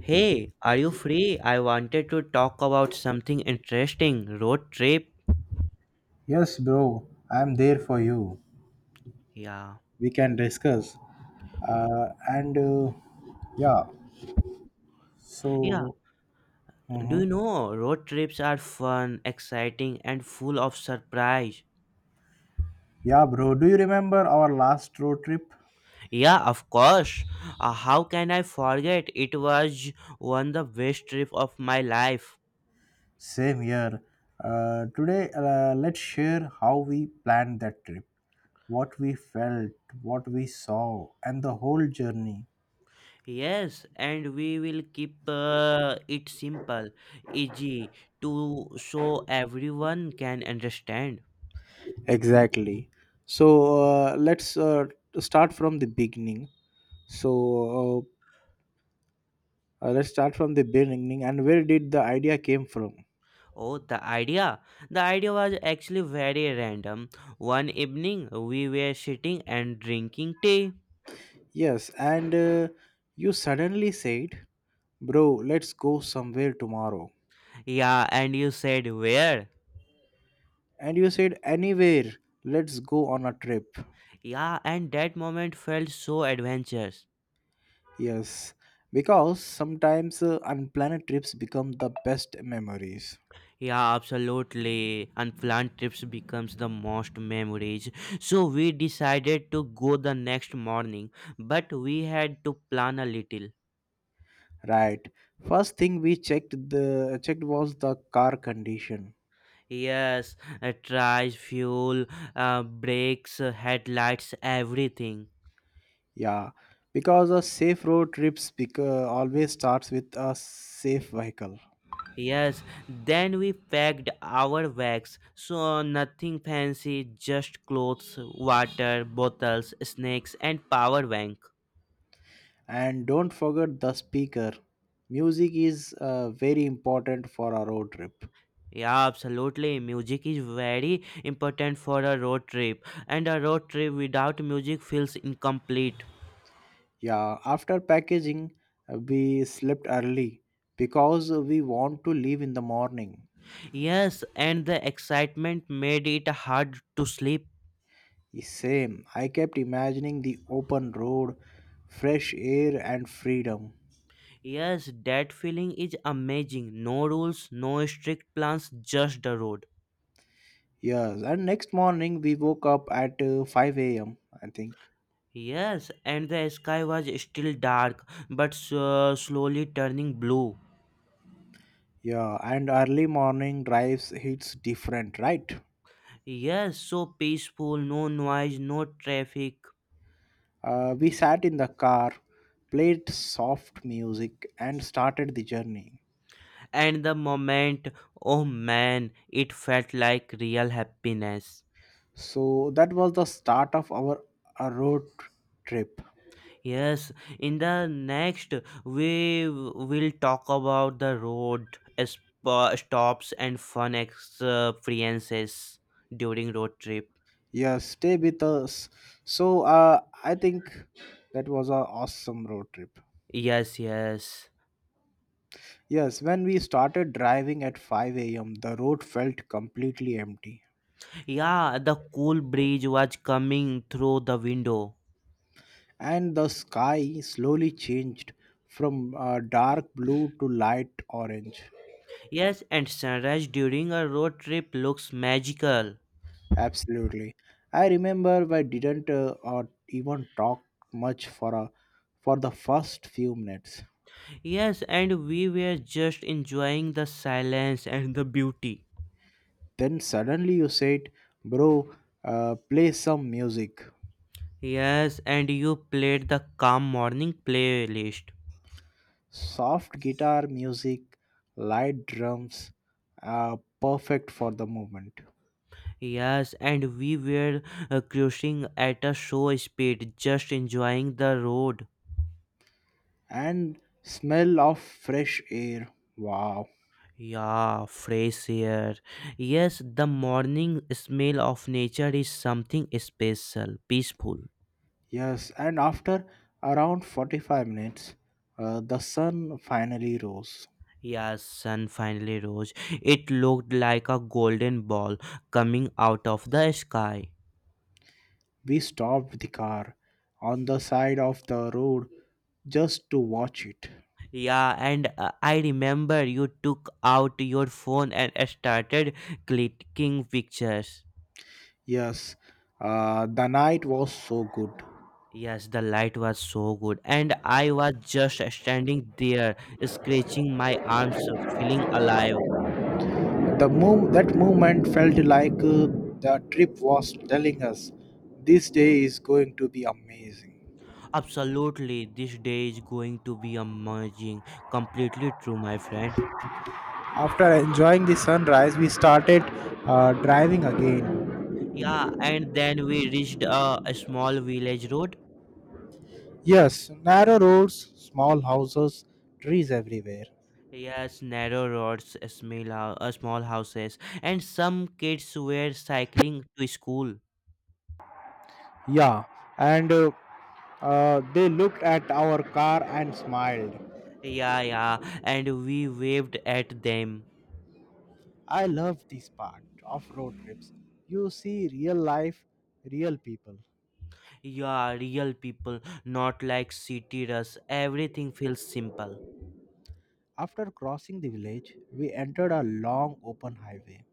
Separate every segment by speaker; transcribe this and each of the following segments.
Speaker 1: Hey, are you free? I wanted to talk about something interesting. Road trip.
Speaker 2: Yes, bro, I'm there for you.
Speaker 1: Yeah.
Speaker 2: We can discuss. And Yeah,
Speaker 1: Yeah.
Speaker 2: so
Speaker 1: Do
Speaker 2: mhm.
Speaker 1: you know road trips are fun, exciting, and full of surprise?
Speaker 2: Yeah, bro. Do you remember our last road trip?
Speaker 1: Yeah, of course. How can I forget? It was one the best trip of my life.
Speaker 2: Same year. Today, let's share how we planned that trip, what we felt, what we saw, and the whole journey.
Speaker 1: Yes, and we will keep it simple, easy to so everyone can understand.
Speaker 2: Exactly. So let's start from the beginning. So let's start from the beginning. And where did the idea came from?
Speaker 1: Oh, the idea. The idea was actually very random. One evening, we were sitting and drinking tea.
Speaker 2: Yes, and you suddenly said, "Bro, let's go somewhere tomorrow."
Speaker 1: Yeah, and you said where?
Speaker 2: And you said, "Anywhere, let's go on a trip."
Speaker 1: Yeah, and that moment felt so adventurous.
Speaker 2: Yes, because sometimes unplanned trips become the best memories.
Speaker 1: Yeah, absolutely. Unplanned trips becomes the most memories. So we decided to go the next morning, but we had to plan a little.
Speaker 2: Right. First thing we checked was the car condition.
Speaker 1: Yes, tries, fuel, brakes, headlights, everything.
Speaker 2: Yeah, because a safe road trips always starts with a safe vehicle.
Speaker 1: Yes, then we packed our bags, so nothing fancy, just clothes, water, bottles, snacks, and power bank.
Speaker 2: And don't forget the speaker. Music is very important for our road trip.
Speaker 1: Yeah, absolutely. Music is very important for a road trip, and a road trip without music feels incomplete.
Speaker 2: Yeah, after packaging, we slept early because we want to leave in the morning.
Speaker 1: Yes, and the excitement made it hard to sleep.
Speaker 2: Same, I kept imagining the open road, fresh air, and freedom.
Speaker 1: Yes, that feeling is amazing. No rules, no strict plans, just the road.
Speaker 2: Yes, and next morning we woke up at 5 a.m., I think.
Speaker 1: Yes, and the sky was still dark, but slowly turning blue.
Speaker 2: Yeah, and early morning drives hits different, right?
Speaker 1: Yes, so peaceful, no noise, no traffic.
Speaker 2: We sat in the car, played soft music, and started the journey.
Speaker 1: And the moment, oh man, it felt like real happiness.
Speaker 2: So that was the start of our road trip.
Speaker 1: Yes, in the next, we will talk about the road, stops, and fun experiences during road trip.
Speaker 2: Yes, stay with us. So I think that was a awesome road trip.
Speaker 1: Yes, yes.
Speaker 2: Yes, when we started driving at 5 a.m., the road felt completely empty,
Speaker 1: Yeah, the cool breeze was coming through the window.
Speaker 2: and the sky slowly changed from dark blue to light orange.
Speaker 1: Yes, and sunrise during a road trip looks magical.
Speaker 2: Absolutely. I remember we didn't or even talk much for the first few minutes.
Speaker 1: Yes, and we were just enjoying the silence and the beauty.
Speaker 2: Then suddenly you said, "Bro, play some music."
Speaker 1: Yes, and you played the calm morning playlist.
Speaker 2: Soft guitar music, light drums, perfect for the movement.
Speaker 1: Yes, and we were cruising at a slow speed, just enjoying the road.
Speaker 2: And smell of fresh air. Wow.
Speaker 1: Yeah, fresh air. Yes, the morning smell of nature is something special, peaceful.
Speaker 2: Yes, and after around 45 minutes, the sun finally rose.
Speaker 1: Yes, sun finally rose. It looked like a golden ball coming out of the sky.
Speaker 2: We stopped the car on the side of the road just to watch it.
Speaker 1: Yeah, and I remember you took out your phone and started clicking pictures.
Speaker 2: Yes, the night was so good.
Speaker 1: Yes, the light was so good, and I was just standing there, scratching my arms, feeling alive.
Speaker 2: The movement felt like the trip was telling us this day is going to be amazing.
Speaker 1: Absolutely, this day is going to be amazing. Completely true, my friend.
Speaker 2: After enjoying the sunrise, we started driving again.
Speaker 1: Yeah, and then we reached a small village road.
Speaker 2: Yes, narrow roads, small houses, trees everywhere.
Speaker 1: Yes, narrow roads, a small houses, and some kids were cycling to school.
Speaker 2: Yeah, and they looked at our car and smiled.
Speaker 1: Yeah, yeah, and we waved at them.
Speaker 2: I love this part of road trips. You see real life, real people.
Speaker 1: Yeah, real people, not like city rush. Everything feels simple.
Speaker 2: After crossing the village, we entered a long open highway.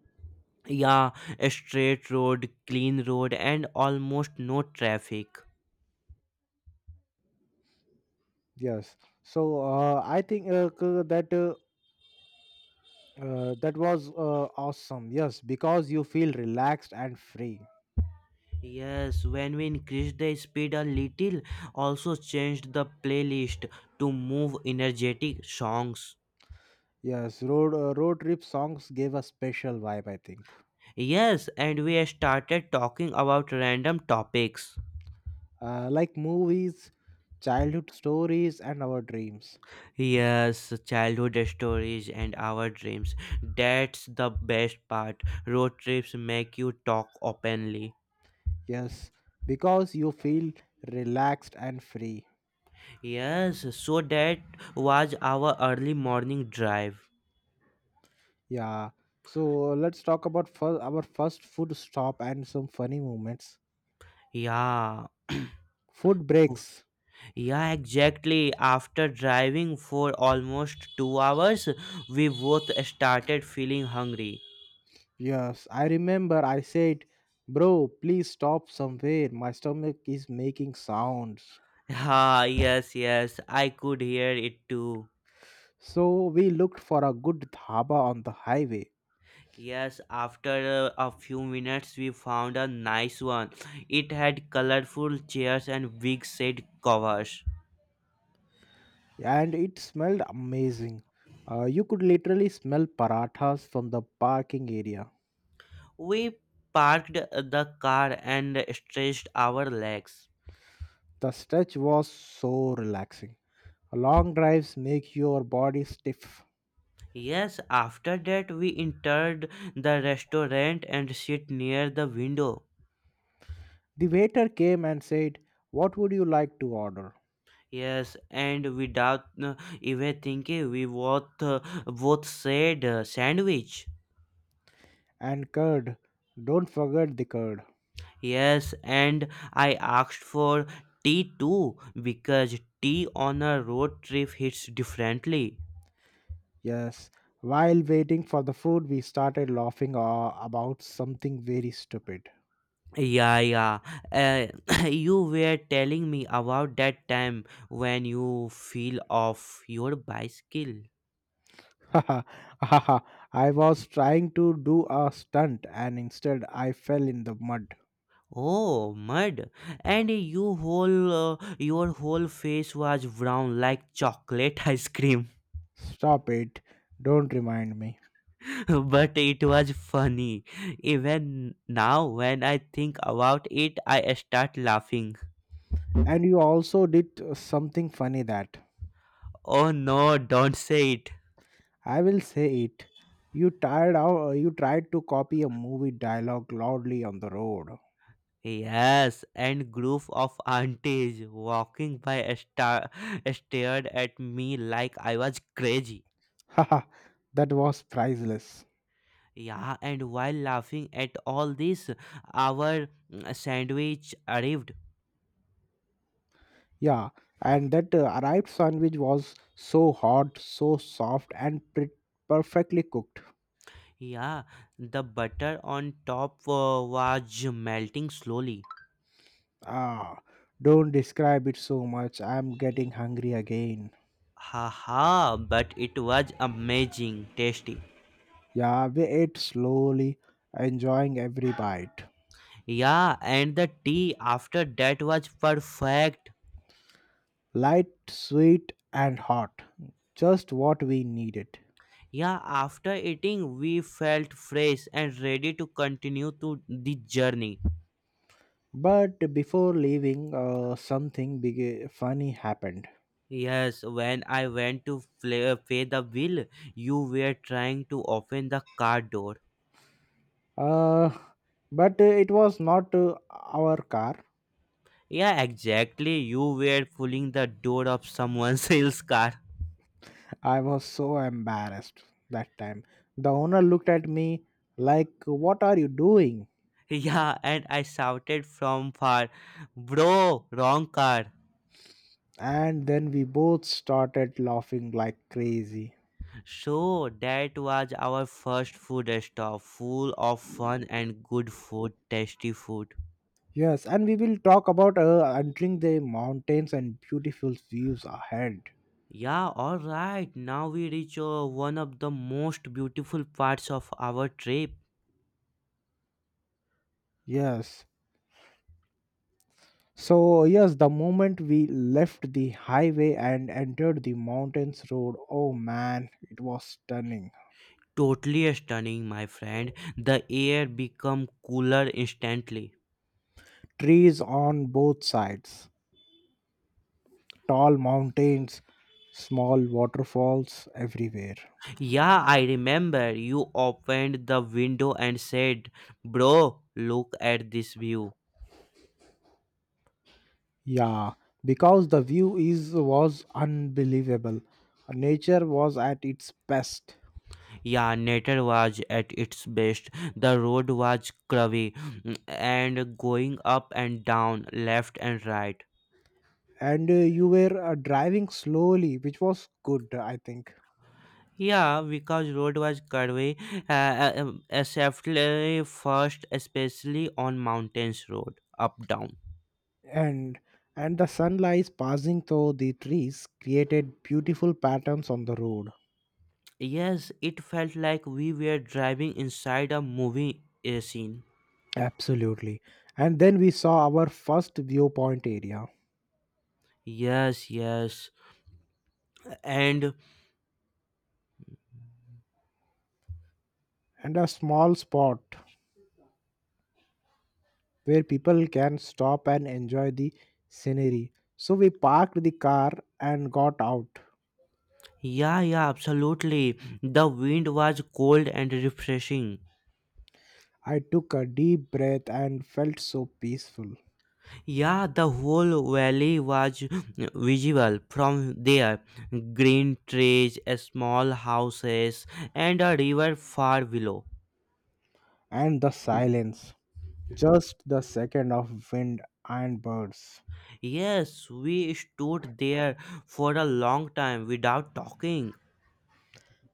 Speaker 1: Yeah, a straight road, clean road, and almost no traffic.
Speaker 2: Yes. So I think that was awesome. Yes, because you feel relaxed and free.
Speaker 1: Yes, when we increased the speed a little, also changed the playlist to move energetic songs.
Speaker 2: Yes, road trip songs gave a special vibe. I think.
Speaker 1: Yes, and we started talking about random topics.
Speaker 2: Like movies, childhood stories, and our dreams.
Speaker 1: Yes, childhood stories and our dreams. That's the best part. Road trips make you talk openly.
Speaker 2: Yes, because you feel relaxed and free.
Speaker 1: Yes, so that was our early morning drive.
Speaker 2: Yeah. So let's talk about our first food stop and some funny moments.
Speaker 1: Yeah.
Speaker 2: Food breaks.
Speaker 1: Yeah, exactly. After driving for almost 2 hours, we both started feeling hungry.
Speaker 2: Yes, I remember I said, "Bro, please stop somewhere. My stomach is making sounds."
Speaker 1: Ah, yes, yes, I could hear it too.
Speaker 2: So we looked for a good dhaba on the highway,
Speaker 1: Yes, after a few minutes, we found a nice one. It had colorful chairs and big shade covers.
Speaker 2: and it smelled amazing. You could literally smell parathas from the parking area.
Speaker 1: We parked the car and stretched our legs.
Speaker 2: The stretch was so relaxing. Long drives make your body stiff.
Speaker 1: Yes, after that, we entered the restaurant and sit near the window.
Speaker 2: The waiter came and said, "What would you like to order?"
Speaker 1: Yes, and without even thinking, we both said sandwich.
Speaker 2: And curd. Don't forget the curd.
Speaker 1: Yes, and I asked for tea too because tea on a road trip hits differently.
Speaker 2: Yes. While waiting for the food, we started laughing about something very stupid.
Speaker 1: Yeah, yeah. Uh, you were telling me about that time when you fell off your bicycle.
Speaker 2: I was trying to do a stunt and instead I fell in the mud.
Speaker 1: Oh, mud! And your whole face was brown like chocolate ice cream.
Speaker 2: Stop it. Don't remind me.
Speaker 1: But it was funny. Even now, when I think about it, I start laughing.
Speaker 2: And you also did something funny that.
Speaker 1: Oh no, don't say it.
Speaker 2: I will say it. You tried to copy a movie dialogue loudly on the road.
Speaker 1: Yes, and group of aunties walking by stared at me like I was crazy.
Speaker 2: Haha, that was priceless.
Speaker 1: Yeah, and while laughing at all this, our sandwich arrived.
Speaker 2: Yeah, and that arrived sandwich was so hot, so soft, and perfectly cooked.
Speaker 1: Yeah, the butter on top was melting slowly.
Speaker 2: Ah, don't describe it so much. I'm getting hungry again.
Speaker 1: Haha, but it was amazing, tasty.
Speaker 2: Yeah, we ate slowly, enjoying every bite.
Speaker 1: Yeah, and the tea after that was perfect.
Speaker 2: Light, sweet, and hot. Just what we needed.
Speaker 1: Yeah, after eating, we felt fresh and ready to continue to the journey.
Speaker 2: But before leaving, something big, funny happened.
Speaker 1: Yes, when I went to pay the bill, you were trying to open the car door.
Speaker 2: Uh, but it was not our car.
Speaker 1: Yeah, exactly. You were pulling the door of someone else's car.
Speaker 2: I was so embarrassed that time. The owner looked at me like, "What are you doing?"
Speaker 1: Yeah, and I shouted from far, "Bro, wrong car."
Speaker 2: And then we both started laughing like crazy.
Speaker 1: So that was our first food stop, full of fun and good food, tasty food.
Speaker 2: Yes, and we will talk about entering the mountains and beautiful views ahead.
Speaker 1: Yeah, alright, now we reach one of the most beautiful parts of our trip.
Speaker 2: Yes. So, yes, the moment we left the highway and entered the mountains road, oh man, it was stunning.
Speaker 1: Totally stunning, my friend. The air become cooler instantly.
Speaker 2: Trees on both sides, tall mountains, small waterfalls everywhere.
Speaker 1: Yeah, I remember you opened the window and said, "Bro, look at this view."
Speaker 2: Yeah, because the view is was unbelievable. Nature was at its best,
Speaker 1: Yeah, nature was at its best. The road was curvy and going up and down, left and right.
Speaker 2: and you were driving slowly, which was good, I think.
Speaker 1: Yeah, because road was curvy, especially on mountains road, up down.
Speaker 2: And and the sunlight passing through the trees created beautiful patterns on the road.
Speaker 1: Yes, it felt like we were driving inside a movie scene.
Speaker 2: Absolutely. And then we saw our first viewpoint area
Speaker 1: Yes, yes. And
Speaker 2: and a small spot where people can stop and enjoy the scenery. So we parked the car and got out.
Speaker 1: yeah, yeah, absolutely. The wind was cold and refreshing.
Speaker 2: I took a deep breath and felt so peaceful.
Speaker 1: Yeah, the whole valley was visible from there. Green trees, small houses, and a river far below.
Speaker 2: And the silence, just the second of wind and birds.
Speaker 1: Yes, we stood there for a long time without talking.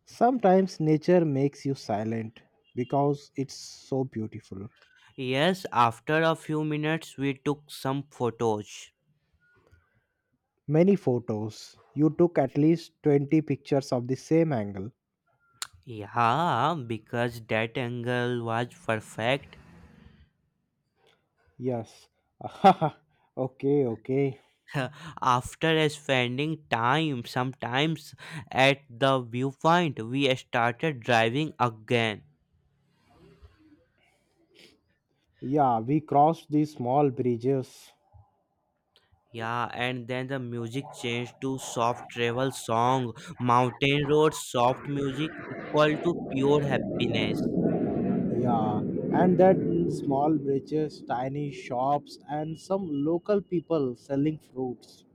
Speaker 2: Sometimes nature makes you silent because it's so beautiful.
Speaker 1: Yes, after a few minutes, we took some photos.
Speaker 2: Many photos. You took at least 20 pictures of the same angle.
Speaker 1: Yeah, because that angle was perfect.
Speaker 2: Yes. Okay, okay.
Speaker 1: After spending time, sometimes at the viewpoint, we started driving again.
Speaker 2: Yeah, we crossed the small bridges.
Speaker 1: Yeah, and then the music changed to soft travel song, mountain road, soft music equal to pure happiness.
Speaker 2: Yeah, and that small bridges, tiny shops, and some local people selling fruits.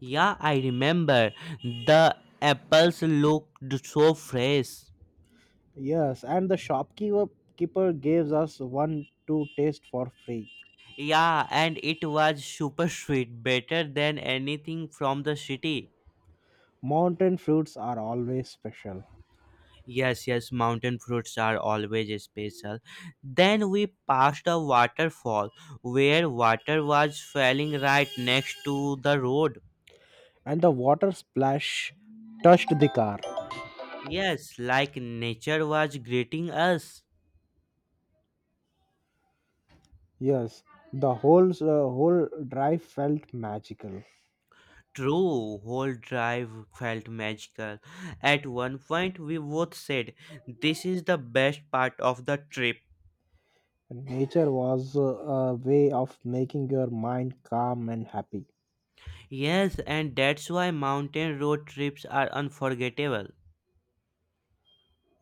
Speaker 1: Yeah, I remember the apples looked so fresh.
Speaker 2: Yes, and the shopkeeper keeper gives us one to taste for free.
Speaker 1: Yeah, and it was super sweet, better than anything from the city.
Speaker 2: Mountain fruits are always special,
Speaker 1: Yes, yes, mountain fruits are always special. Then we passed a waterfall where water was falling right next to the road.
Speaker 2: and the water splash touched the car.
Speaker 1: Yes, like nature was greeting us.
Speaker 2: Yes, the whole drive felt magical.
Speaker 1: True, whole drive felt magical. At one point, we both said, "This is the best part of the trip."
Speaker 2: Nature was a way of making your mind calm and happy.
Speaker 1: Yes, and that's why mountain road trips are unforgettable.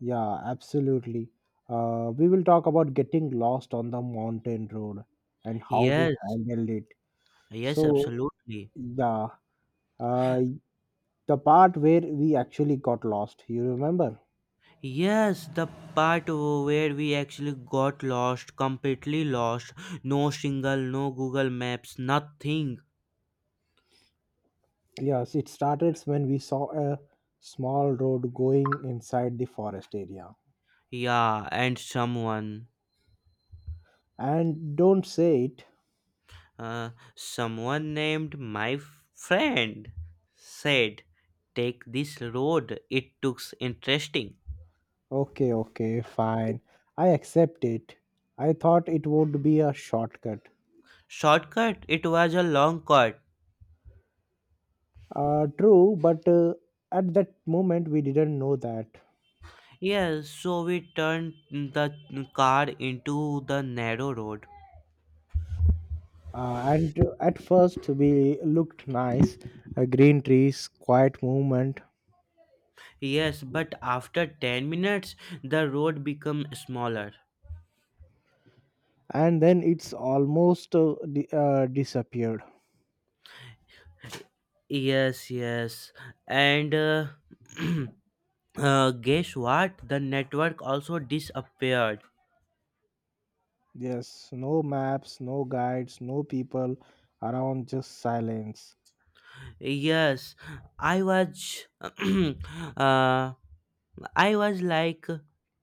Speaker 2: Yeah, absolutely. We will talk about getting lost on the mountain road and how we
Speaker 1: Yes,
Speaker 2: handled it.
Speaker 1: yes,
Speaker 2: So,
Speaker 1: absolutely.
Speaker 2: yeah, uh, the part where we actually got lost, you remember?
Speaker 1: Yes, the part where we actually got lost, completely lost. No single, no Google Maps, nothing.
Speaker 2: Yes, it started when we saw a small road going inside the forest area.
Speaker 1: Yeah, and someone,
Speaker 2: And don't say it.
Speaker 1: uh, someone named my friend said, "Take this road, it looks interesting."
Speaker 2: Okay, okay, fine. I accept it. I thought it would be a shortcut.
Speaker 1: Shortcut, it was a long cut.
Speaker 2: True, but at that moment we didn't know that.
Speaker 1: Yes, so we turned the car into the narrow road.
Speaker 2: And at first we looked nice, green trees, quiet movement,
Speaker 1: Yes, but after 10 minutes. The road became smaller.
Speaker 2: and then it's almost disappeared.
Speaker 1: Yes, yes. And guess what? The network also disappeared.
Speaker 2: Yes, no maps, no guides, no people around, just silence.
Speaker 1: Yes, I was I was like,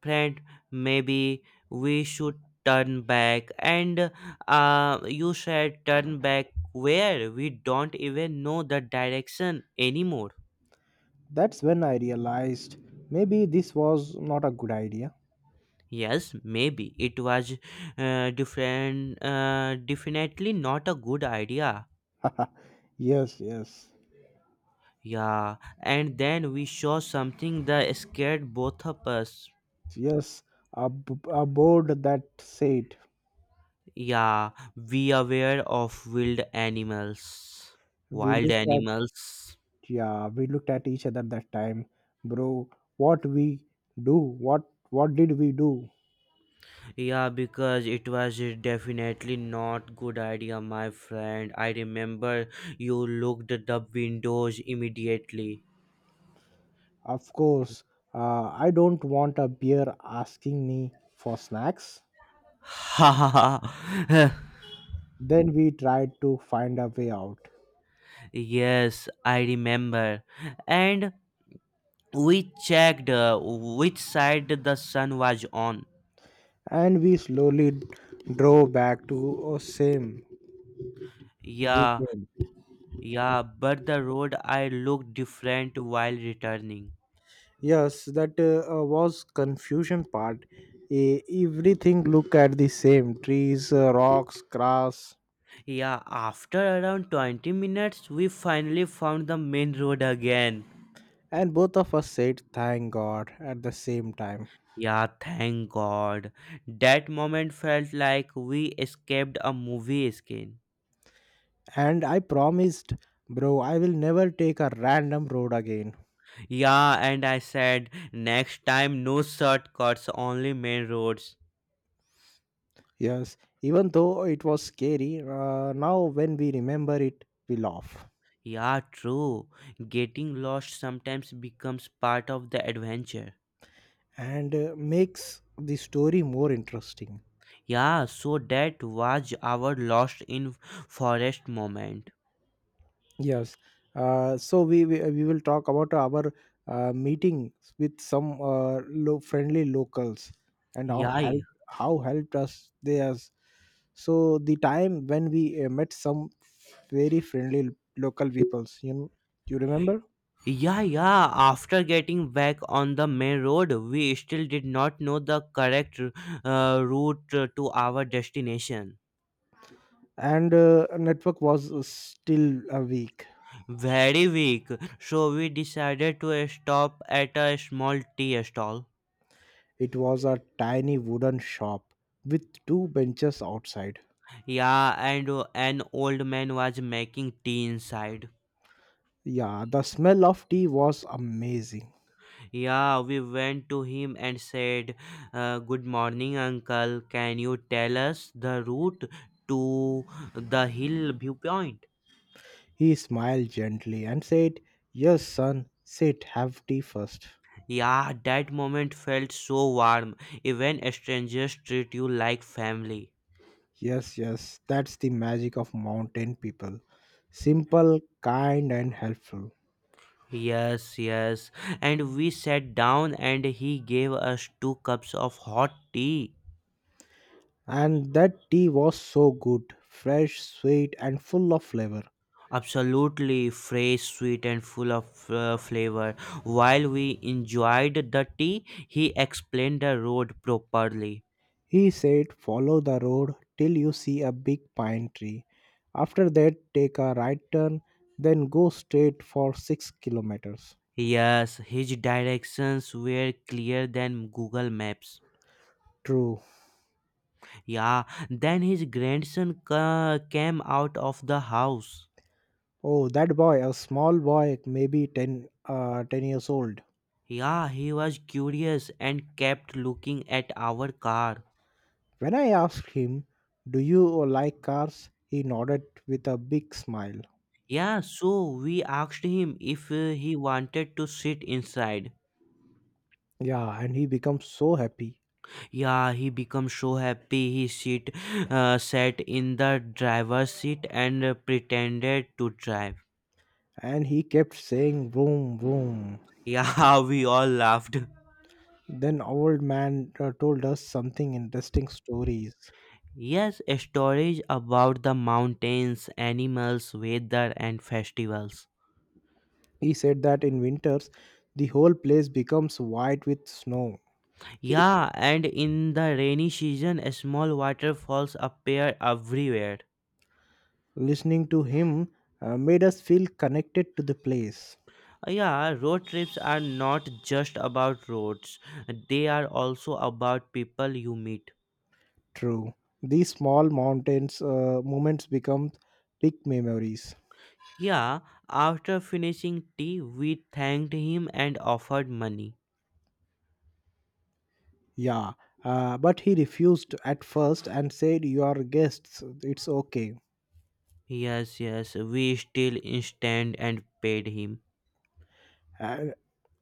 Speaker 1: friend, maybe we should turn back. And you said, turn back where we don't even know the direction anymore.
Speaker 2: That's when I realized maybe this was not a good idea.
Speaker 1: Yes, maybe it was different definitely not a good idea.
Speaker 2: yes, yes,
Speaker 1: Yeah, and then we saw something that scared both of us.
Speaker 2: yes, a board that said
Speaker 1: Yeah, we aware of wild animals.
Speaker 2: we
Speaker 1: Wild
Speaker 2: looked at.
Speaker 1: animals.
Speaker 2: Yeah, we looked at each other that time. Bro, what we do what what did we do?
Speaker 1: Yeah, because it was definitely not good idea, my friend. I remember you looked at the windows immediately.
Speaker 2: Of course, I don't want a beer asking me for snacks.
Speaker 1: Ha ha ha.
Speaker 2: Then we tried to find a way out,
Speaker 1: Yes, I remember. And we checked which side the sun was on.
Speaker 2: and we slowly drove back to a same
Speaker 1: Yeah,
Speaker 2: weekend.
Speaker 1: yeah, but the road I looked different while returning.
Speaker 2: Yes, that was confusion part. Everything looked at the same, trees, rocks, grass.
Speaker 1: Yeah, after around 20 minutes, we finally found the main road again.
Speaker 2: And both of us said thank God at the same time.
Speaker 1: Yeah, thank God. That moment felt like we escaped a movie scene.
Speaker 2: And I promised, bro, I will never take a random road again.
Speaker 1: Yeah, and I said, next time no shortcuts, only main roads.
Speaker 2: Yes, even though it was scary, now when we remember it, we laugh
Speaker 1: Yeah, true. Getting lost sometimes becomes part of the adventure.
Speaker 2: and makes the story more interesting.
Speaker 1: Yeah, so that was our lost in forest moment.
Speaker 2: Yes. So we will talk about our meetings with some friendly locals and
Speaker 1: Yeah, yeah,
Speaker 2: how helped us they us. So the time when we met some very friendly local peoples, you know, you remember?
Speaker 1: yeah, yeah. After getting back on the main road, we still did not know the correct route to our destination.
Speaker 2: And network was still a weak.
Speaker 1: Very weak, so we decided to stop at a small tea stall.
Speaker 2: It was a tiny wooden shop with two benches outside.
Speaker 1: Yeah, and an old man was making tea inside.
Speaker 2: Yeah, the smell of tea was amazing.
Speaker 1: Yeah, we went to him and said, "Good morning, uncle. Can you tell us the route to the hill viewpoint?"
Speaker 2: He smiled gently and said, "Yes, son, sit, have tea first."
Speaker 1: Yeah, that moment felt so warm. Even strangers treat you like family.
Speaker 2: Yes, yes, that's the magic of mountain people. Simple, kind, and helpful.
Speaker 1: Yes, yes. And we sat down and he gave us two cups of hot tea.
Speaker 2: And that tea was so good, fresh, sweet, and full of flavor.
Speaker 1: Absolutely fresh, sweet, and full of flavor. While we enjoyed the tea, he explained the road properly.
Speaker 2: He said, "Follow the road till you see a big pine tree. After that, take a right turn, then go straight for 6 kilometers."
Speaker 1: Yes, his directions were clearer than Google Maps.
Speaker 2: True.
Speaker 1: Yeah, then his grandson came out of the house.
Speaker 2: Oh, that boy, a small boy, maybe 10 years old.
Speaker 1: Yeah, he was curious and kept looking at our car.
Speaker 2: When I asked him, "Do you like cars?" he nodded with a big smile.
Speaker 1: Yeah, so we asked him if he wanted to sit inside.
Speaker 2: Yeah, and he became so happy.
Speaker 1: Yeah, he becomes so happy. He sat in the driver's seat and pretended to drive.
Speaker 2: And he kept saying, "Vroom, vroom."
Speaker 1: Yeah, we all laughed.
Speaker 2: Then old man told us something interesting stories.
Speaker 1: Yes, stories about the mountains, animals, weather, and festivals.
Speaker 2: He said that in winters, the whole place becomes white with snow.
Speaker 1: Yeah, and in the rainy season, small waterfalls appear everywhere.
Speaker 2: Listening to him made us feel connected to the place.
Speaker 1: Yeah, road trips are not just about roads, they are also about people you meet.
Speaker 2: True. These small mountains moments become big memories.
Speaker 1: Yeah, after finishing tea, we thanked him and offered money.
Speaker 2: Yeah, but he refused at first and said, "You are guests, it's okay."
Speaker 1: Yes, yes, we still instant and paid him.
Speaker 2: Uh,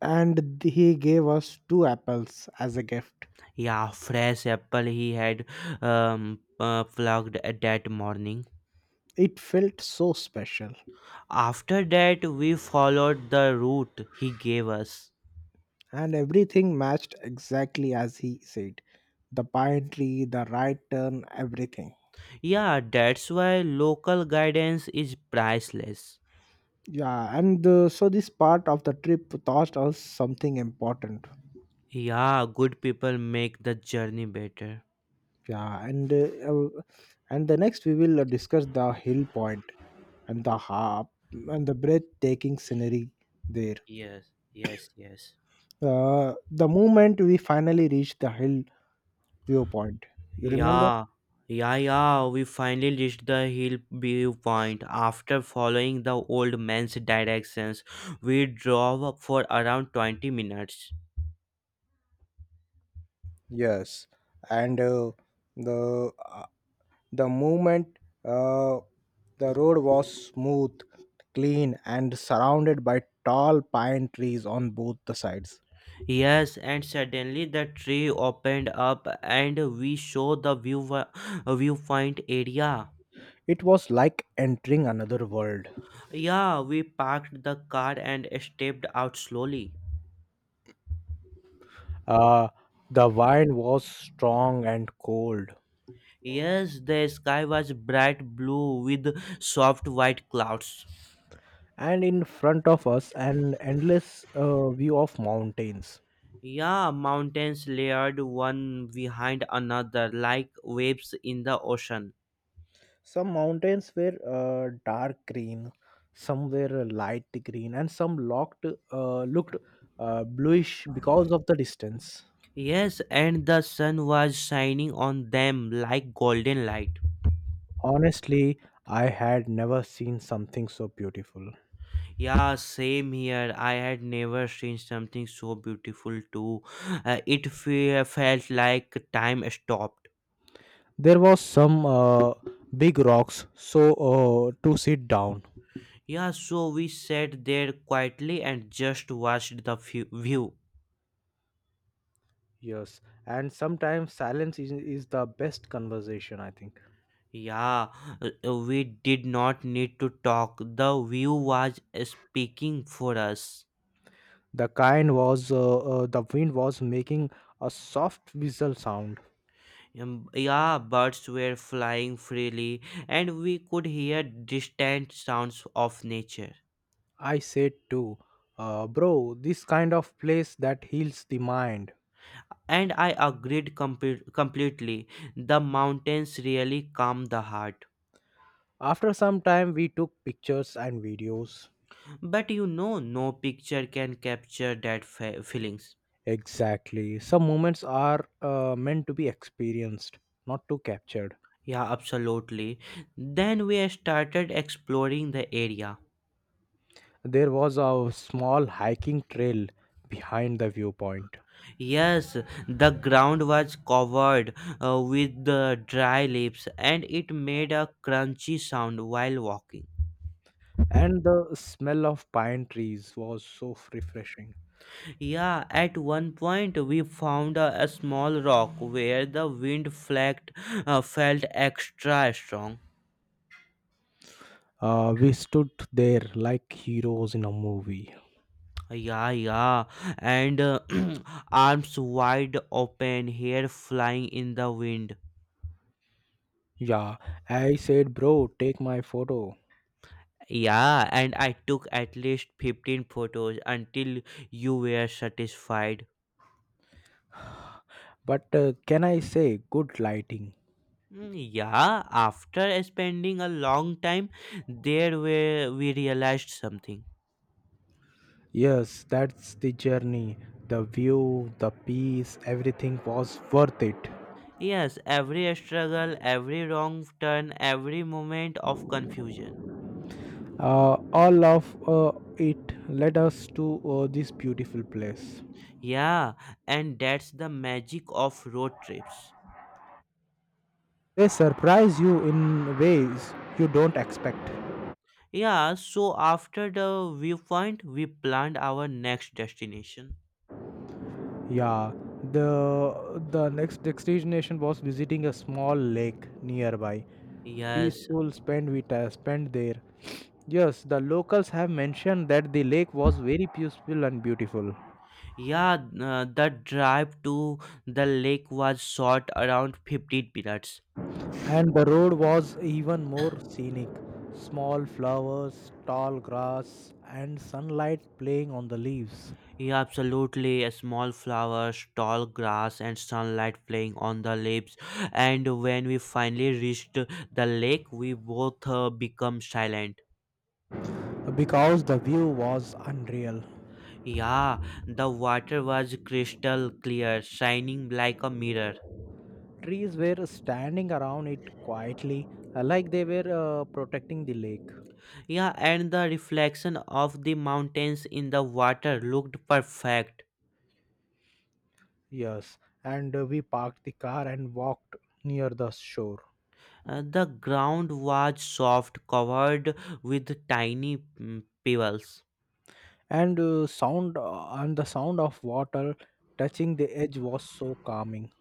Speaker 2: and he gave us two apples as a gift.
Speaker 1: Yeah, fresh apple he had plucked that morning.
Speaker 2: It felt so special,
Speaker 1: After that, we followed the route he gave us.
Speaker 2: and everything matched exactly as he said: the pine tree, the right turn, everything.
Speaker 1: Yeah, that's why local guidance is priceless.
Speaker 2: Yeah, and so this part of the trip taught us something important.
Speaker 1: Yeah, good people make the journey better.
Speaker 2: Yeah, and the next we will discuss the hill point and the harp and the breathtaking scenery there.
Speaker 1: Yes, yes, yes.
Speaker 2: The moment we finally reached the hill viewpoint, you remember?
Speaker 1: Yeah, yeah, yeah. We finally reached the hill viewpoint. After following the old man's directions, we drove up for around 20 minutes.
Speaker 2: Yes, and the uh, the movement, uh, the road was smooth, clean, and surrounded by tall pine trees on both the sides.
Speaker 1: Yes, and suddenly the tree opened up and we saw the viewpoint area.
Speaker 2: It was like entering another world.
Speaker 1: Yeah, we parked the car and stepped out slowly.
Speaker 2: Uh, the wind was strong and cold,
Speaker 1: Yes, the sky was bright blue with soft white clouds.
Speaker 2: and in front of us, an endless view of mountains.
Speaker 1: Yeah, mountains layered one behind another like waves in the ocean.
Speaker 2: Some mountains were dark green, some were light green, and some looked bluish because of the distance.
Speaker 1: Yes, and the sun was shining on them like golden light.
Speaker 2: Honestly, I had never seen something so beautiful.
Speaker 1: Yeah, same here. I had never seen something so beautiful too. It felt like time stopped.
Speaker 2: There was some big rocks, to sit down.
Speaker 1: Yeah, so we sat there quietly and just watched the view.
Speaker 2: Yes, and sometimes silence is the best conversation, I think.
Speaker 1: Yeah, uh, we did not need to talk. The view was speaking for us.
Speaker 2: The wind was making a soft whistle sound.
Speaker 1: Yeah, birds were flying freely, and we could hear distant sounds of nature.
Speaker 2: I said too, bro, this kind of place that heals the mind.
Speaker 1: And I agreed completely. The mountains really calm the heart.
Speaker 2: After some time, we took pictures and videos.
Speaker 1: But no picture can capture that feelings.
Speaker 2: Exactly. Some moments are meant to be experienced, not to captured.
Speaker 1: Yeah, absolutely. Then we started exploring the area.
Speaker 2: There was a small hiking trail behind the viewpoint.
Speaker 1: Yes, the ground was covered with the dry leaves and it made a crunchy sound while walking.
Speaker 2: And the smell of pine trees was so refreshing.
Speaker 1: Yeah, at one point we found a small rock where the wind felt extra strong.
Speaker 2: We stood there like heroes in a movie.
Speaker 1: Yeah, yeah, and arms wide open, hair flying in the wind.
Speaker 2: Yeah, I said, "Bro, take my photo."
Speaker 1: Yeah, and I took at least 15 photos until you were satisfied.
Speaker 2: But can I say, good lighting?
Speaker 1: Mm, yeah, after spending a long time there where we realized something.
Speaker 2: Yes, that's the journey. The view, the peace, everything was worth it.
Speaker 1: Yes, every struggle, every wrong turn, every moment of confusion.
Speaker 2: All of it led us to this beautiful place.
Speaker 1: Yeah, and that's the magic of road trips.
Speaker 2: They surprise you in ways you don't expect.
Speaker 1: Yeah, so after the viewpoint, we planned our next destination.
Speaker 2: Yeah, the next destination was visiting a small lake nearby.
Speaker 1: Yes,
Speaker 2: Peaceful spent there. Yes, the locals have mentioned that the lake was very peaceful and beautiful,
Speaker 1: yeah, the drive to the lake was short around 15 minutes.
Speaker 2: and the road was even more scenic. Small flowers, tall grass, and sunlight playing on the leaves.
Speaker 1: Yeah, absolutely. A small flowers, tall grass, and sunlight playing on the leaves. And when we finally reached the lake, we both become silent.
Speaker 2: Because the view was unreal.
Speaker 1: Yeah, the water was crystal clear, shining like a mirror.
Speaker 2: Trees were standing around it quietly, like they were protecting the lake.
Speaker 1: Yeah, and the reflection of the mountains in the water looked perfect.
Speaker 2: Yes, and we parked the car and walked near the shore.
Speaker 1: The ground was soft, covered with tiny pebbles.
Speaker 2: And the sound of water touching the edge was so calming.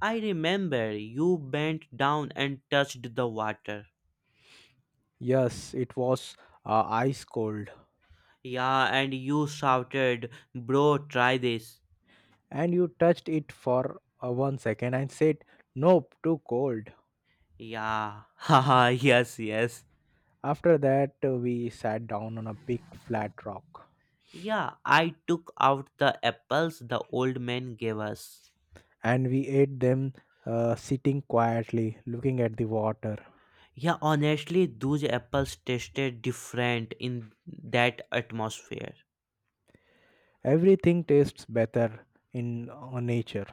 Speaker 1: I remember you bent down and touched the water.
Speaker 2: Yes, it was ice cold.
Speaker 1: Yeah, and you shouted, "Bro, try this."
Speaker 2: And you touched it for 1 second and said, "Nope, too cold."
Speaker 1: Yeah, haha, yes, yes.
Speaker 2: After that, we sat down on a big flat rock
Speaker 1: Yeah, I took out the apples the old man gave us.
Speaker 2: and we ate them, sitting quietly, looking at the water.
Speaker 1: Yeah, honestly, those apples tasted different in that atmosphere.
Speaker 2: Everything tastes better in nature.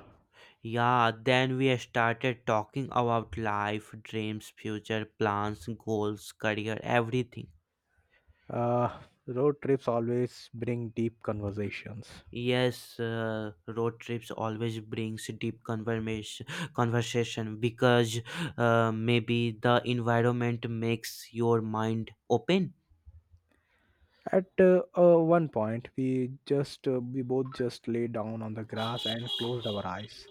Speaker 1: Yeah, then we started talking about life, dreams, future plans, goals, career, everything.
Speaker 2: Uh, Road trips always bring deep conversations.
Speaker 1: Yes, road trips always brings deep conversation because maybe the environment makes your mind open.
Speaker 2: At one point, we both just lay down on the grass and closed our eyes.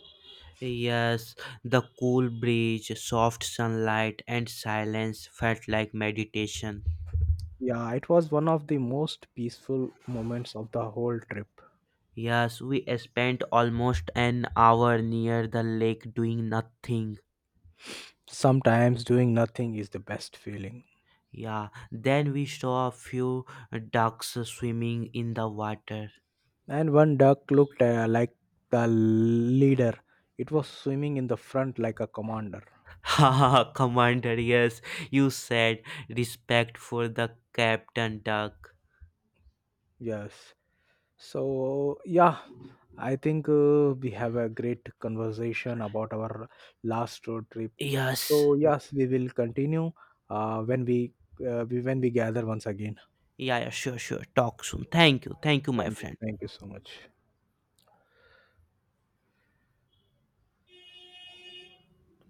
Speaker 1: Yes, the cool breeze, soft sunlight, and silence felt like meditation.
Speaker 2: Yeah, it was one of the most peaceful moments of the whole trip.
Speaker 1: Yes, we spent almost an hour near the lake doing nothing.
Speaker 2: Sometimes doing nothing is the best feeling.
Speaker 1: Yeah, then we saw a few ducks swimming in the water.
Speaker 2: And one duck looked like the leader. It was swimming in the front like a commander.
Speaker 1: Haha, Commander, yes, you said respect for the Captain Duck.
Speaker 2: Yes. So, yeah, I think we have a great conversation about our last road trip.
Speaker 1: Yes,
Speaker 2: So, yes, we will continue when when we gather once again.
Speaker 1: yeah, yeah, sure, sure. Talk soon. Thank you, my
Speaker 2: Thank you.
Speaker 1: friend.
Speaker 2: Thank you so much.